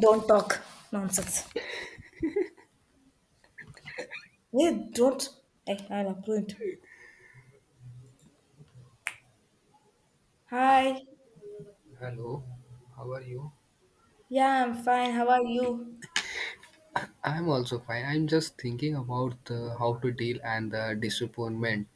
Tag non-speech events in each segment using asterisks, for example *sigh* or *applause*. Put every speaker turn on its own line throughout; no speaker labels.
Don't talk nonsense. Hey, don't. Hey, I'm approved. Hi.
Hello, how are you?
Yeah, I'm fine. How are you?
I'm also fine. I'm just thinking about how to deal and the disappointment.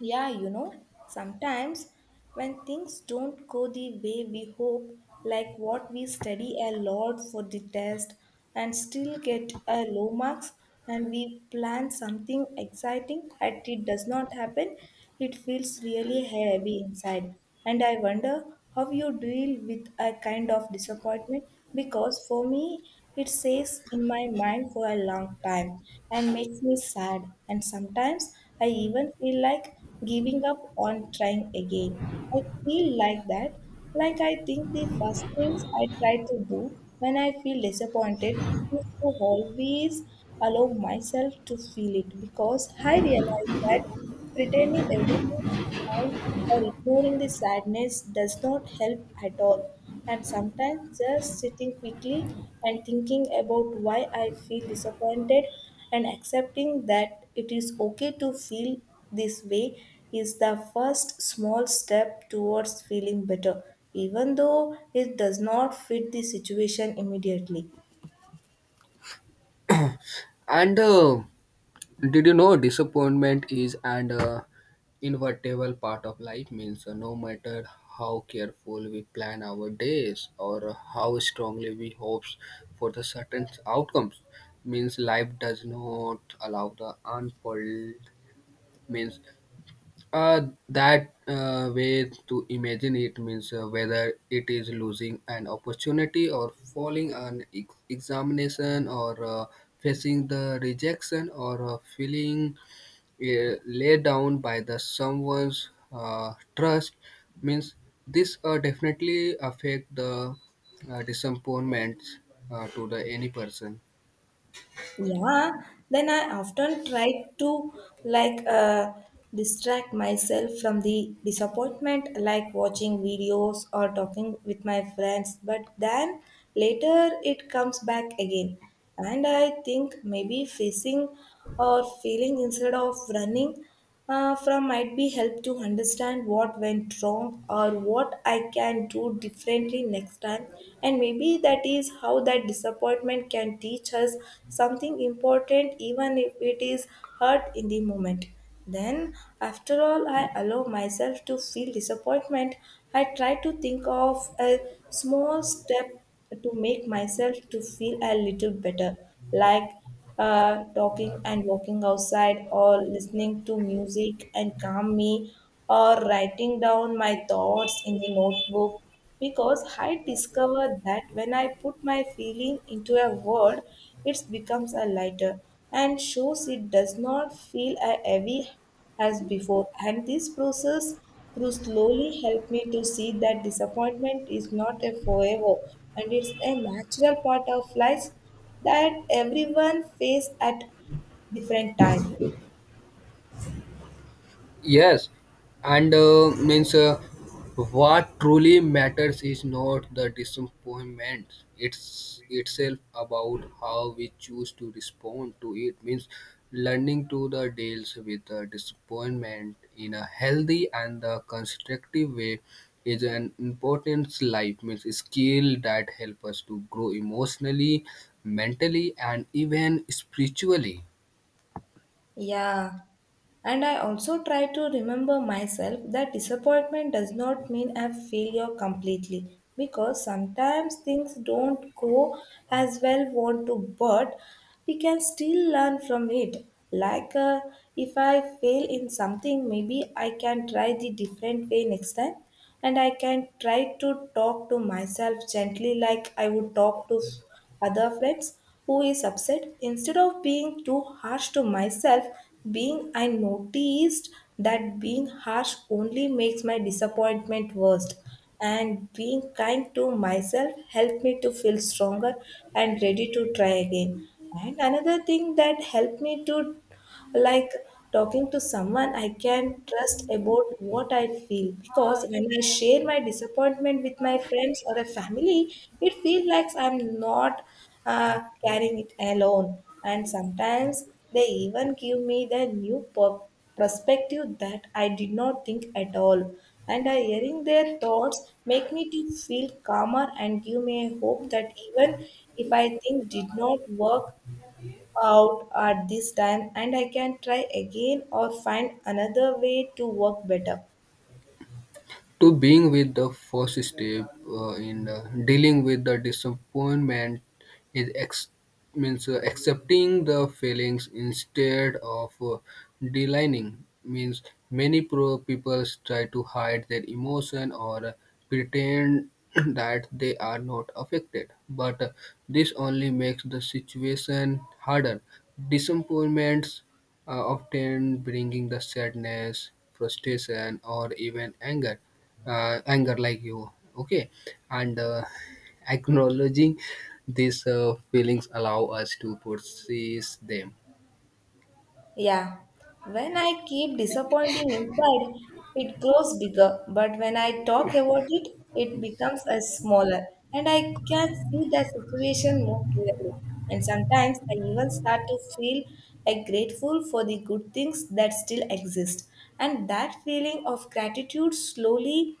Yeah, you know, sometimes when things don't go the way we hope, like what we study a lot for the test and still get a low marks, and we plan something exciting and it does not happen. It feels really heavy inside, and I wonder how you deal with a kind of disappointment, because for me, it stays in my mind for a long time and makes me sad. And sometimes I even feel like giving up on trying again. I feel like that. Like, I think the first things I try to do when I feel disappointed is to always allow myself to feel it, because I realize that pretending everything is fine or ignoring the sadness does not help at all. And sometimes just sitting quickly and thinking about why I feel disappointed and accepting that it is okay to feel this way is the first small step towards feeling better, even though it does not fit the situation immediately.
And did you know disappointment is an inevitable part of life? Means no matter how careful we plan our days or how strongly we hope for the certain outcomes, means life does not allow the unfold. Means that way to imagine it means whether it is losing an opportunity or falling an examination or facing the rejection or feeling laid down by the someone's trust means this definitely affect the disappointments to the any person.
Yeah, then I often try to, like, distract myself from the disappointment, like watching videos or talking with my friends. But then later it comes back again, and I think maybe facing or feeling instead of running from might be help to understand what went wrong or what I can do differently next time. And maybe that is how that disappointment can teach us something important, even if it is hurt in the moment. Then, after all, I allow myself to feel disappointment. I try to think of a small step to make myself to feel a little better, like talking and walking outside, or listening to music and calm me, or writing down my thoughts in the notebook. Because I discovered that when I put my feeling into a word, it becomes a lighter, and shows it does not feel as heavy as before. And this process through slowly helped me to see that disappointment is not a forever, and it's a natural part of life that everyone face at different time.
Yes, and means what truly matters is not the disappointment. It's itself about how we choose to respond to it. Means learning to the deals with the disappointment in a healthy and the constructive way is an important life means skill that help us to grow emotionally, mentally, and even spiritually.
Yeah. And I also try to remember myself that disappointment does not mean a failure completely, because sometimes things don't go as well want to, but we can still learn from it. Like, if I fail in something, maybe I can try the different way next time. And I can try to talk to myself gently, like I would talk to other friends who is upset, instead of being too harsh to myself, being I noticed that being harsh only makes my disappointment worse, and being kind to myself helped me to feel stronger and ready to try again. And another thing that helped me to, like, talking to someone I can trust about what I feel. Because when I share my disappointment with my friends or a family, it feels like I'm not carrying it alone. And sometimes they even give me the new perspective that I did not think at all. And I hearing their thoughts make me to feel calmer and give me a hope that even if I think did not work out at this time, and I can try again or find another way to work better.
To being with the first step in dealing with the disappointment is ex- means accepting the feelings instead of denying means many pro people try to hide their emotion or pretend *clears throat* that they are not affected but this only makes the situation harder. Disappointments often bringing the sadness frustration or even anger, anger like you okay. And *laughs* acknowledging these feelings allow us to process them.
Yeah, when I keep disappointing inside, it grows bigger, but when I talk about it, it becomes a smaller, and I can see the situation more clearly. And sometimes I even start to feel like grateful for the good things that still exist. And that feeling of gratitude slowly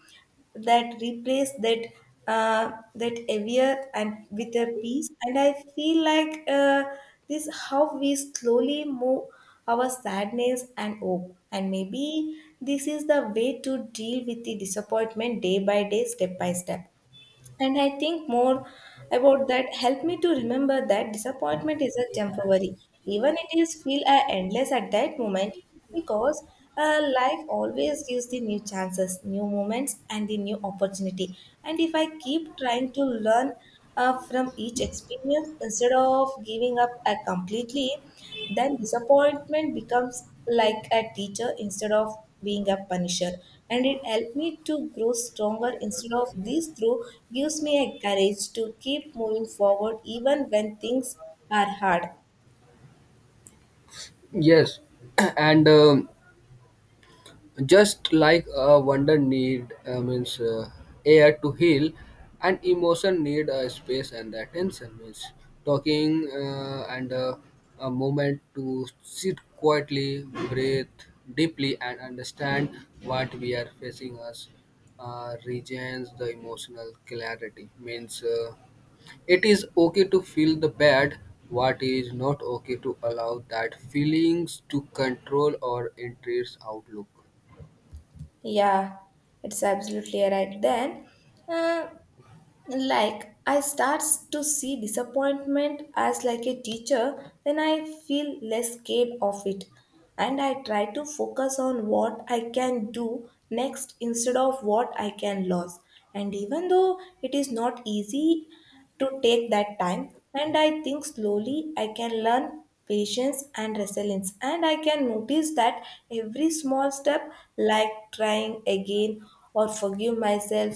that replace that heavier and with a peace. And I feel like, this how we slowly move our sadness and hope. And maybe this is the way to deal with the disappointment, day by day, step by step. And I think more about that helped me to remember that disappointment isn't temporary. Even it is feel endless at that moment, because life always gives the new chances, new moments, and the new opportunity. And if I keep trying to learn from each experience, instead of giving up completely, then disappointment becomes like a teacher instead of being a punisher, and it helped me to grow stronger instead of this through gives me a courage to keep moving forward even when things are hard.
Yes. *clears throat* And just like a wonder need means air to heal and emotion need a space and attention means talking and a moment to sit quietly, breathe deeply and understand what we are facing us regains the emotional clarity means it is okay to feel the bad. What is not okay to allow that feelings to control or interest outlook.
Yeah, it's absolutely right. Then, uh, like, I start to see disappointment as like a teacher, then I feel less scared of it, and I try to focus on what I can do next instead of what I can lose. And even though it is not easy to take that time, and I think slowly I can learn patience and resilience, and I can notice that every small step, like trying again or forgive myself,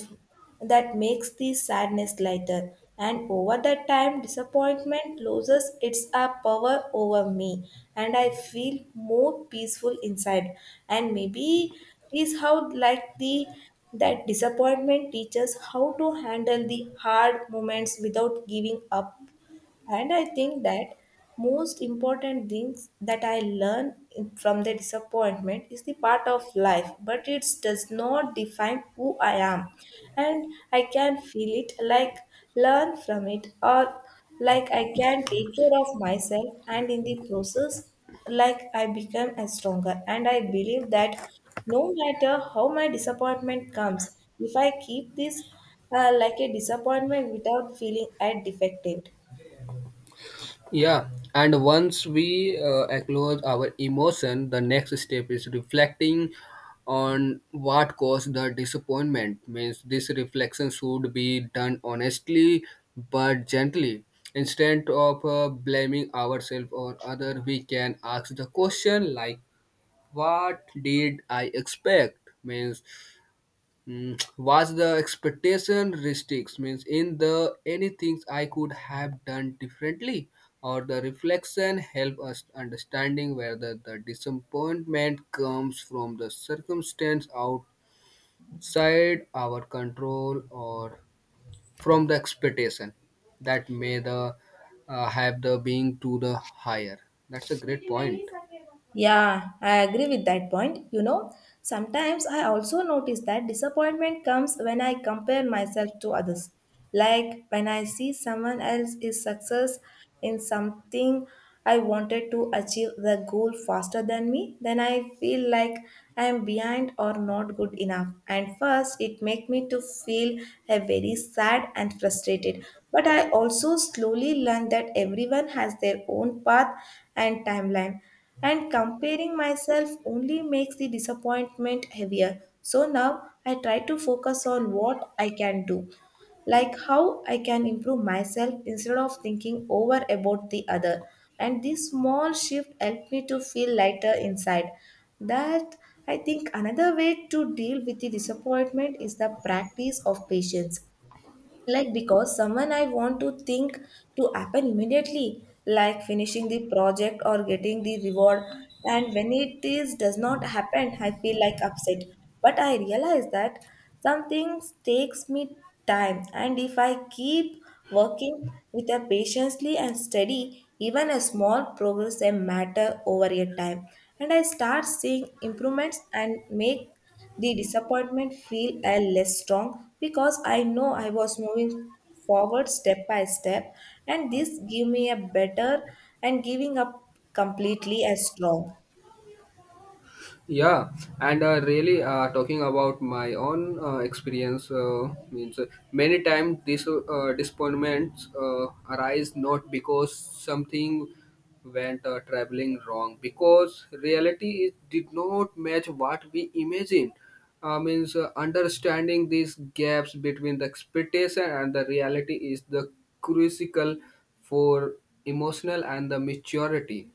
that makes the sadness lighter. And over the time, disappointment loses its power over me, and I feel more peaceful inside. And maybe is how, like the, that disappointment teaches how to handle the hard moments without giving up. And I think that most important things that I learn from the disappointment is the part of life, but it does not define who I am. And I can feel it, like learn from it, or like I can take care of myself, and in the process, like I become a stronger. And I believe that no matter how my disappointment comes, if I keep this, like a disappointment without feeling a defective.
Yeah, and once we acknowledge our emotion, the next step is reflecting on what caused the disappointment. Means this reflection should be done honestly but gently. Instead of blaming ourselves or other, we can ask the question like, "What did I expect?" Means mm, was the expectation restricts means in the any things I could have done differently or the reflection help us understanding whether the disappointment comes from the circumstance outside our control or from the expectation that may the have the being to the higher. That's a great point.
Yeah, I agree with that point. You know, sometimes I also notice that disappointment comes when I compare myself to others. Like when I see someone else is success in something I wanted to achieve the goal faster than me, then I feel like I am behind or not good enough. And first it make me to feel a very sad and frustrated. But I also slowly learn that everyone has their own path and timeline, and comparing myself only makes the disappointment heavier. So now I try to focus on what I can do, like how I can improve myself instead of thinking over about the other. And this small shift helped me to feel lighter inside. That, I think, another way to deal with the disappointment is the practice of patience, like, because someone I want to think to happen immediately, like finishing the project or getting the reward, and when it is does not happen, I feel like upset. But I realize that some things takes me time, and if I keep working with a patiently and steady, even a small progress a matter over a time, and I start seeing improvements and make the disappointment feel a less strong, because I know I was moving forward step by step. And this give me a better and giving up completely as strong.
Yeah, and really talking about my own experience means many times these disappointments arise not because something went traveling wrong, because reality is, did not match what we imagined. Means Understanding these gaps between the expectation and the reality is the crucial for emotional and the maturity.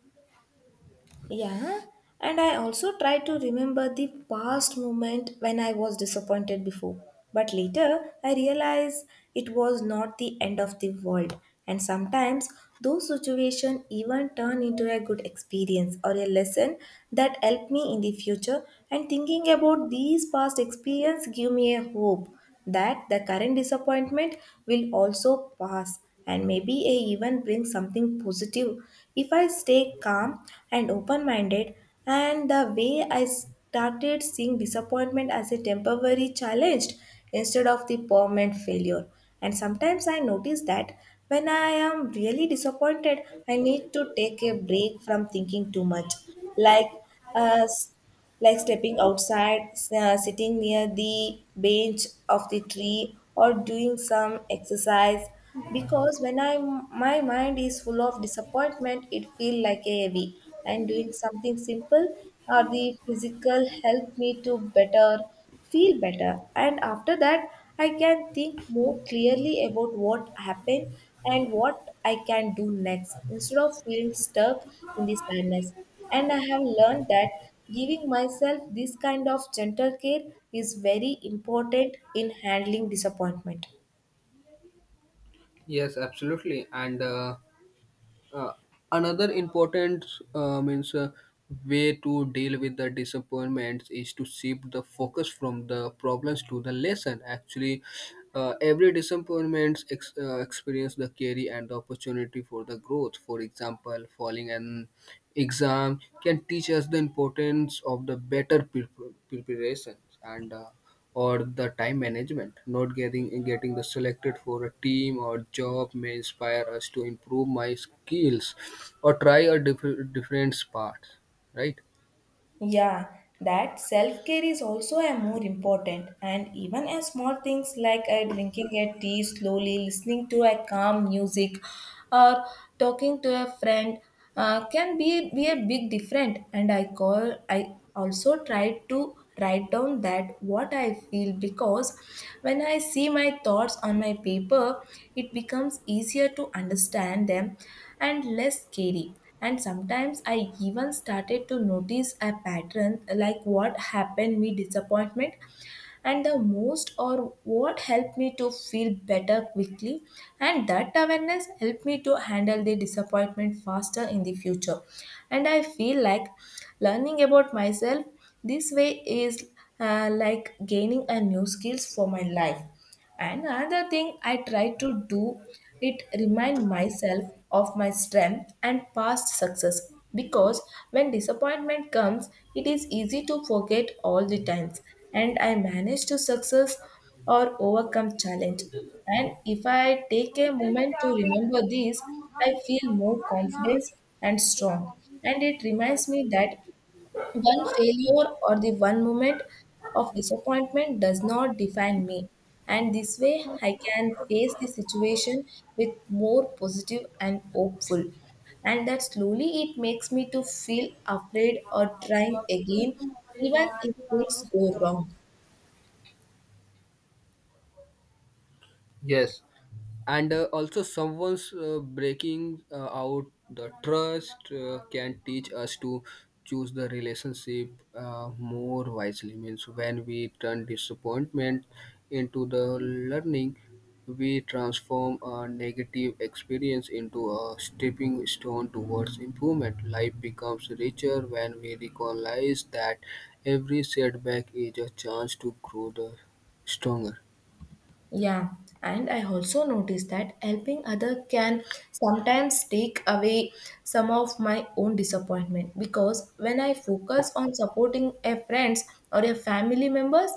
Yeah, and I also try to remember the past moment when I was disappointed before. But later, I realize it was not the end of the world. And sometimes those situations even turn into a good experience or a lesson that help me in the future. And thinking about these past experience give me a hope that the current disappointment will also pass, and maybe I even bring something positive if I stay calm and open minded. And the way I started seeing disappointment as a temporary challenge instead of the permanent failure. And sometimes I notice that when I am really disappointed, I need to take a break from thinking too much. Like, uh, like stepping outside, sitting near the bench of the tree, or doing some exercise. Because when I my mind is full of disappointment, it feels like a heavy. And doing something simple or the physical help me to better feel better. And after that, I can think more clearly about what happened and what I can do next instead of feeling stuck in the sadness. And I have learned that giving myself this kind of gentle care is very important in handling disappointment.
Yes, absolutely, and. Uh, Another important means way to deal with the disappointments is to shift the focus from the problems to the lesson. Actually, every disappointment experience the carry and the opportunity for the growth. For example, falling an exam can teach us the importance of the better preparation and. Or the time management. Not getting the selected for a team or job may inspire us to improve my skills or try a different path, right?
Yeah, that self care is also a more important, and even a small things like a drinking a tea slowly, listening to a calm music, or talking to a friend can be a big different. And I also try to write down that what I feel because when I see my thoughts on my paper, it becomes easier to understand them and less scary. And sometimes I even started to notice a pattern, like what happened me disappointment and the most, or what helped me to feel better quickly. And that awareness helped me to handle the disappointment faster in the future. And I feel like learning about myself this way is like gaining a new skills for my life. And another thing I try to do, it remind myself of my strength and past success, because when disappointment comes it is easy to forget all the times and I manage to success or overcome challenge. And if I take a moment to remember this, I feel more confidence and strong, and it reminds me that one failure or the one moment of disappointment does not define me. And this way, I can face the situation with more positive and hopeful. And that slowly it makes me to feel afraid or trying again, even if things go wrong.
Yes, and also someone's breaking out the trust can teach us to choose the relationship more wisely. Means when we turn disappointment into the learning, we transform a negative experience into a stepping stone towards improvement. Life becomes richer when we recognize that every setback is a chance to grow the stronger.
Yeah, and I also noticed that helping other can sometimes take away some of my own disappointment, because when I focus on supporting a friends or a family members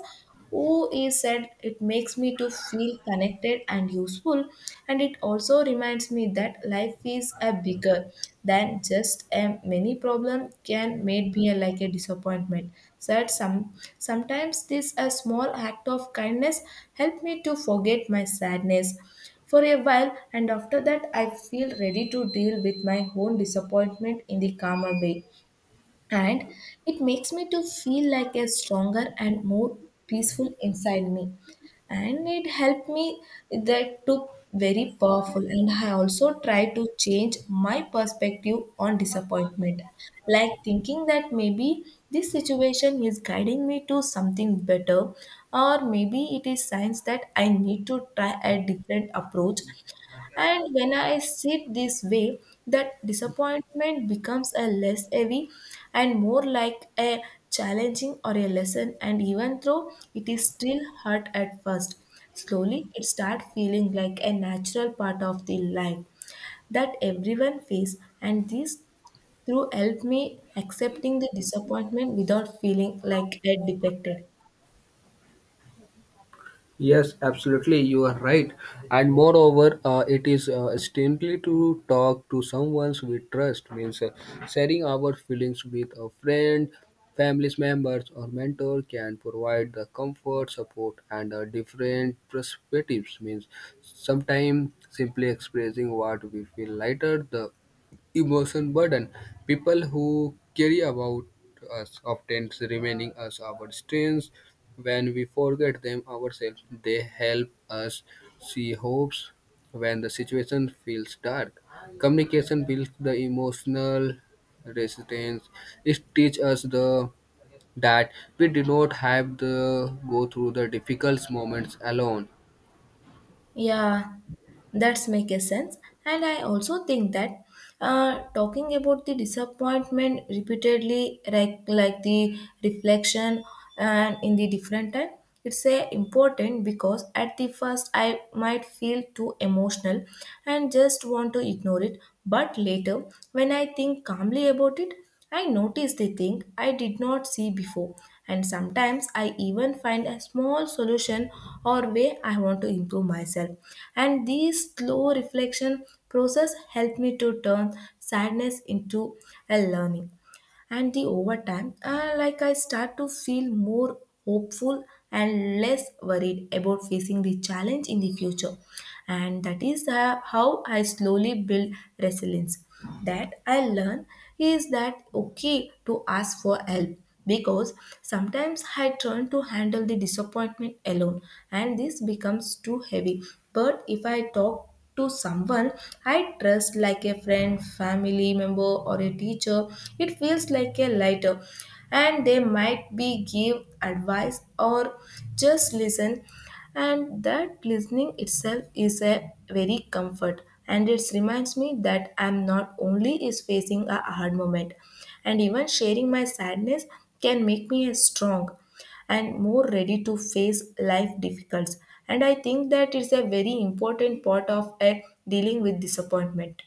who is said, it makes me to feel connected and useful. And it also reminds me that that life is a bigger than just a many problem can make me a, like a disappointment. So sometimes this a small act of kindness help me to forget my sadness for a while, and after that I feel ready to deal with my own disappointment in the calmer way. And it makes me to feel like a stronger and more peaceful inside me, and it helped me that took very powerful. And I also try to change my perspective on disappointment, like thinking that maybe this situation is guiding me to something better, or maybe it is signs that I need to try a different approach. And when I sit this way, that disappointment becomes a less heavy and more like a challenging or a lesson. And even though it is still hurt at first, slowly it starts feeling like a natural part of the life that everyone face. And this through help me accepting the disappointment without feeling like a defected.
Yes, absolutely, you are right. And moreover, it is strangely to talk to someone we trust, means sharing our feelings with a friend, family members, or mentor can provide the comfort, support, and different perspectives. Means sometimes simply expressing what we feel lighter the emotion burden. People who care about us often reminding us our strengths when we forget them ourselves. They help us see hopes when the situation feels dark. Communication builds the emotional resistance. It teaches us the that we do not have to go through the difficult moments alone.
Yeah, that's make a sense. And I also think that talking about the disappointment repeatedly, like, the reflection and in the different time, it's a important, because at the first I might feel too emotional and just want to ignore it. But later, when I think calmly about it, I notice the thing I did not see before, and sometimes I even find a small solution or way I want to improve myself. And these slow reflection process help me to turn sadness into a learning. And the over time, like I start to feel more hopeful and less worried about facing the challenge in the future. And that is how I slowly build resilience, that I learn is that okay to ask for help, because sometimes I turn to handle the disappointment alone and this becomes too heavy. But if I talk to someone I trust, like a friend, family member, or a teacher, it feels like a lighter. And they might be give advice or just listen, and that listening itself is a very comfort. And it reminds me that I'm not only is facing a hard moment, and even sharing my sadness can make me a strong and more ready to face life difficulties. And I think that is a very important part of a dealing with disappointment.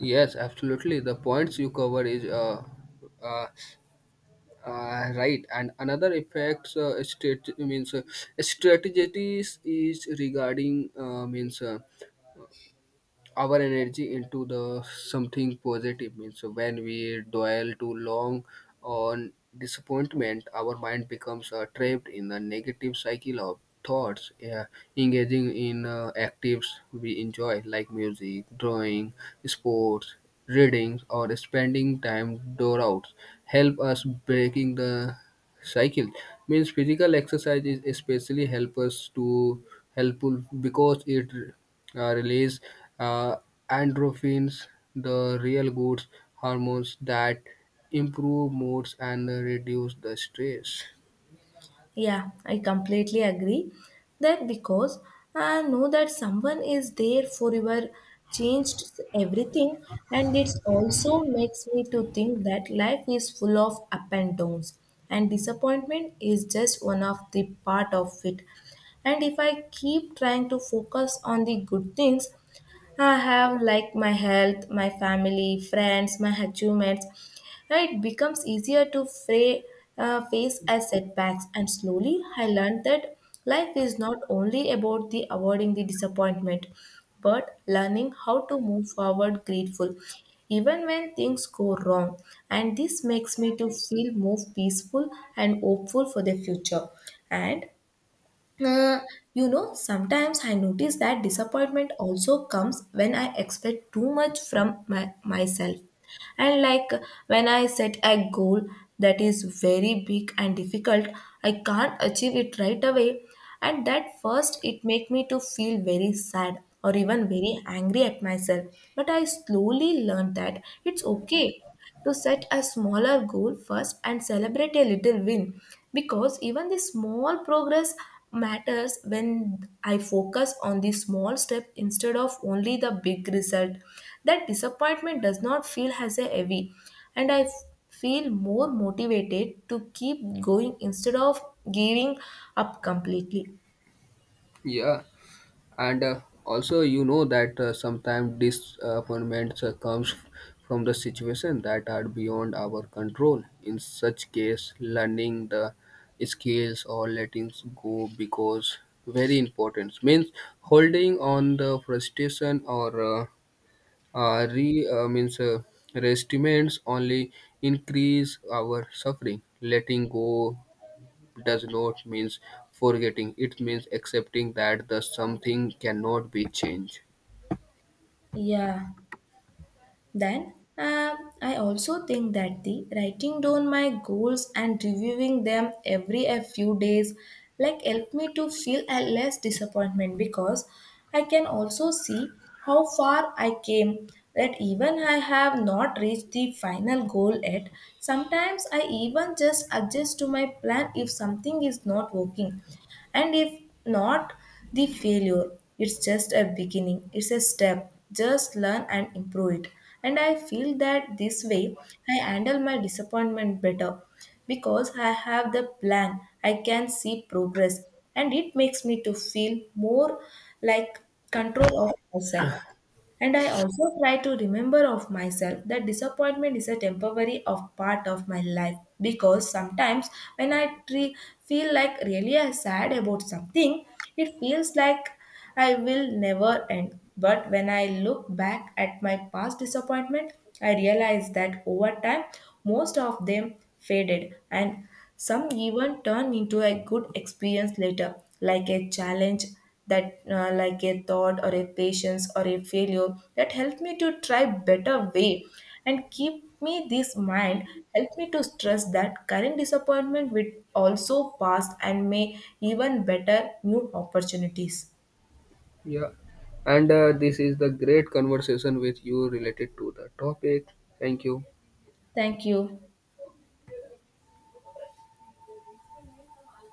Yes, absolutely. The points you cover is uh, right, and another effects state means strategies is regarding means our energy into the something positive means when we dwell too long on disappointment, our mind becomes trapped in a negative cycle of thoughts. Yeah, engaging in actives we enjoy like music, drawing, sports, reading, or spending time door out help us breaking the cycle means physical exercise is especially help us to helpful because it release uh, endorphins, the real good hormones that improve moods and reduce the stress.
Yeah, I completely agree. That because I know that someone is there for your changed everything. And it also makes me to think that life is full of up and downs, and disappointment is just one of the part of it. And if I keep trying to focus on the good things I have, like my health, my family, friends, my achievements. And it becomes easier to fray, face as setbacks, and slowly I learned that life is not only about the avoiding the disappointment, but learning how to move forward grateful, even when things go wrong. And this makes me to feel more peaceful and hopeful for the future. And uh, you know, sometimes I notice that disappointment also comes when I expect too much from myself. And like when I set a goal that is very big and difficult, I can't achieve it right away. And that first it make me to feel very sad or even very angry at myself. But I slowly learned that it's okay to set a smaller goal first and celebrate a little win, because even the small progress matters. When I focus on the small step instead of only the big result, that disappointment does not feel as a heavy, and feel more motivated to keep going instead of giving up completely.
Yeah, and also you know that sometimes disappointments comes from the situation that are beyond our control. In such case learning the skills or letting go because very important means holding on the frustration or re means resentments only increase our suffering. Letting go does not mean forgetting, it means accepting that the something cannot be changed.
Yeah. Then I also think that the writing down my goals and reviewing them every a few days like help me to feel a less disappointment, because I can also see how far I came, that even I have not reached the final goal yet. Sometimes I even just adjust to my plan if something is not working. And if not the failure, it's just a beginning, it's a step. Just learn and improve it. And I feel that this way I handle my disappointment better, because I have the plan, I can see progress, and it makes me to feel more like control of myself. And I also try to remember of myself that disappointment is a temporary of part of my life, because sometimes when feel like really I sad about something, it feels like I will never end. But when I look back at my past disappointment, I realize that over time most of them faded, and some even turn into a good experience later, like a challenge that, like a thought or a patience or a failure that helped me to try better way. And keep me this mind, help me to stress that current disappointment will also pass and may even better new opportunities.
Yeah, and this is the great conversation with you related to the topic. Thank you.
Thank you.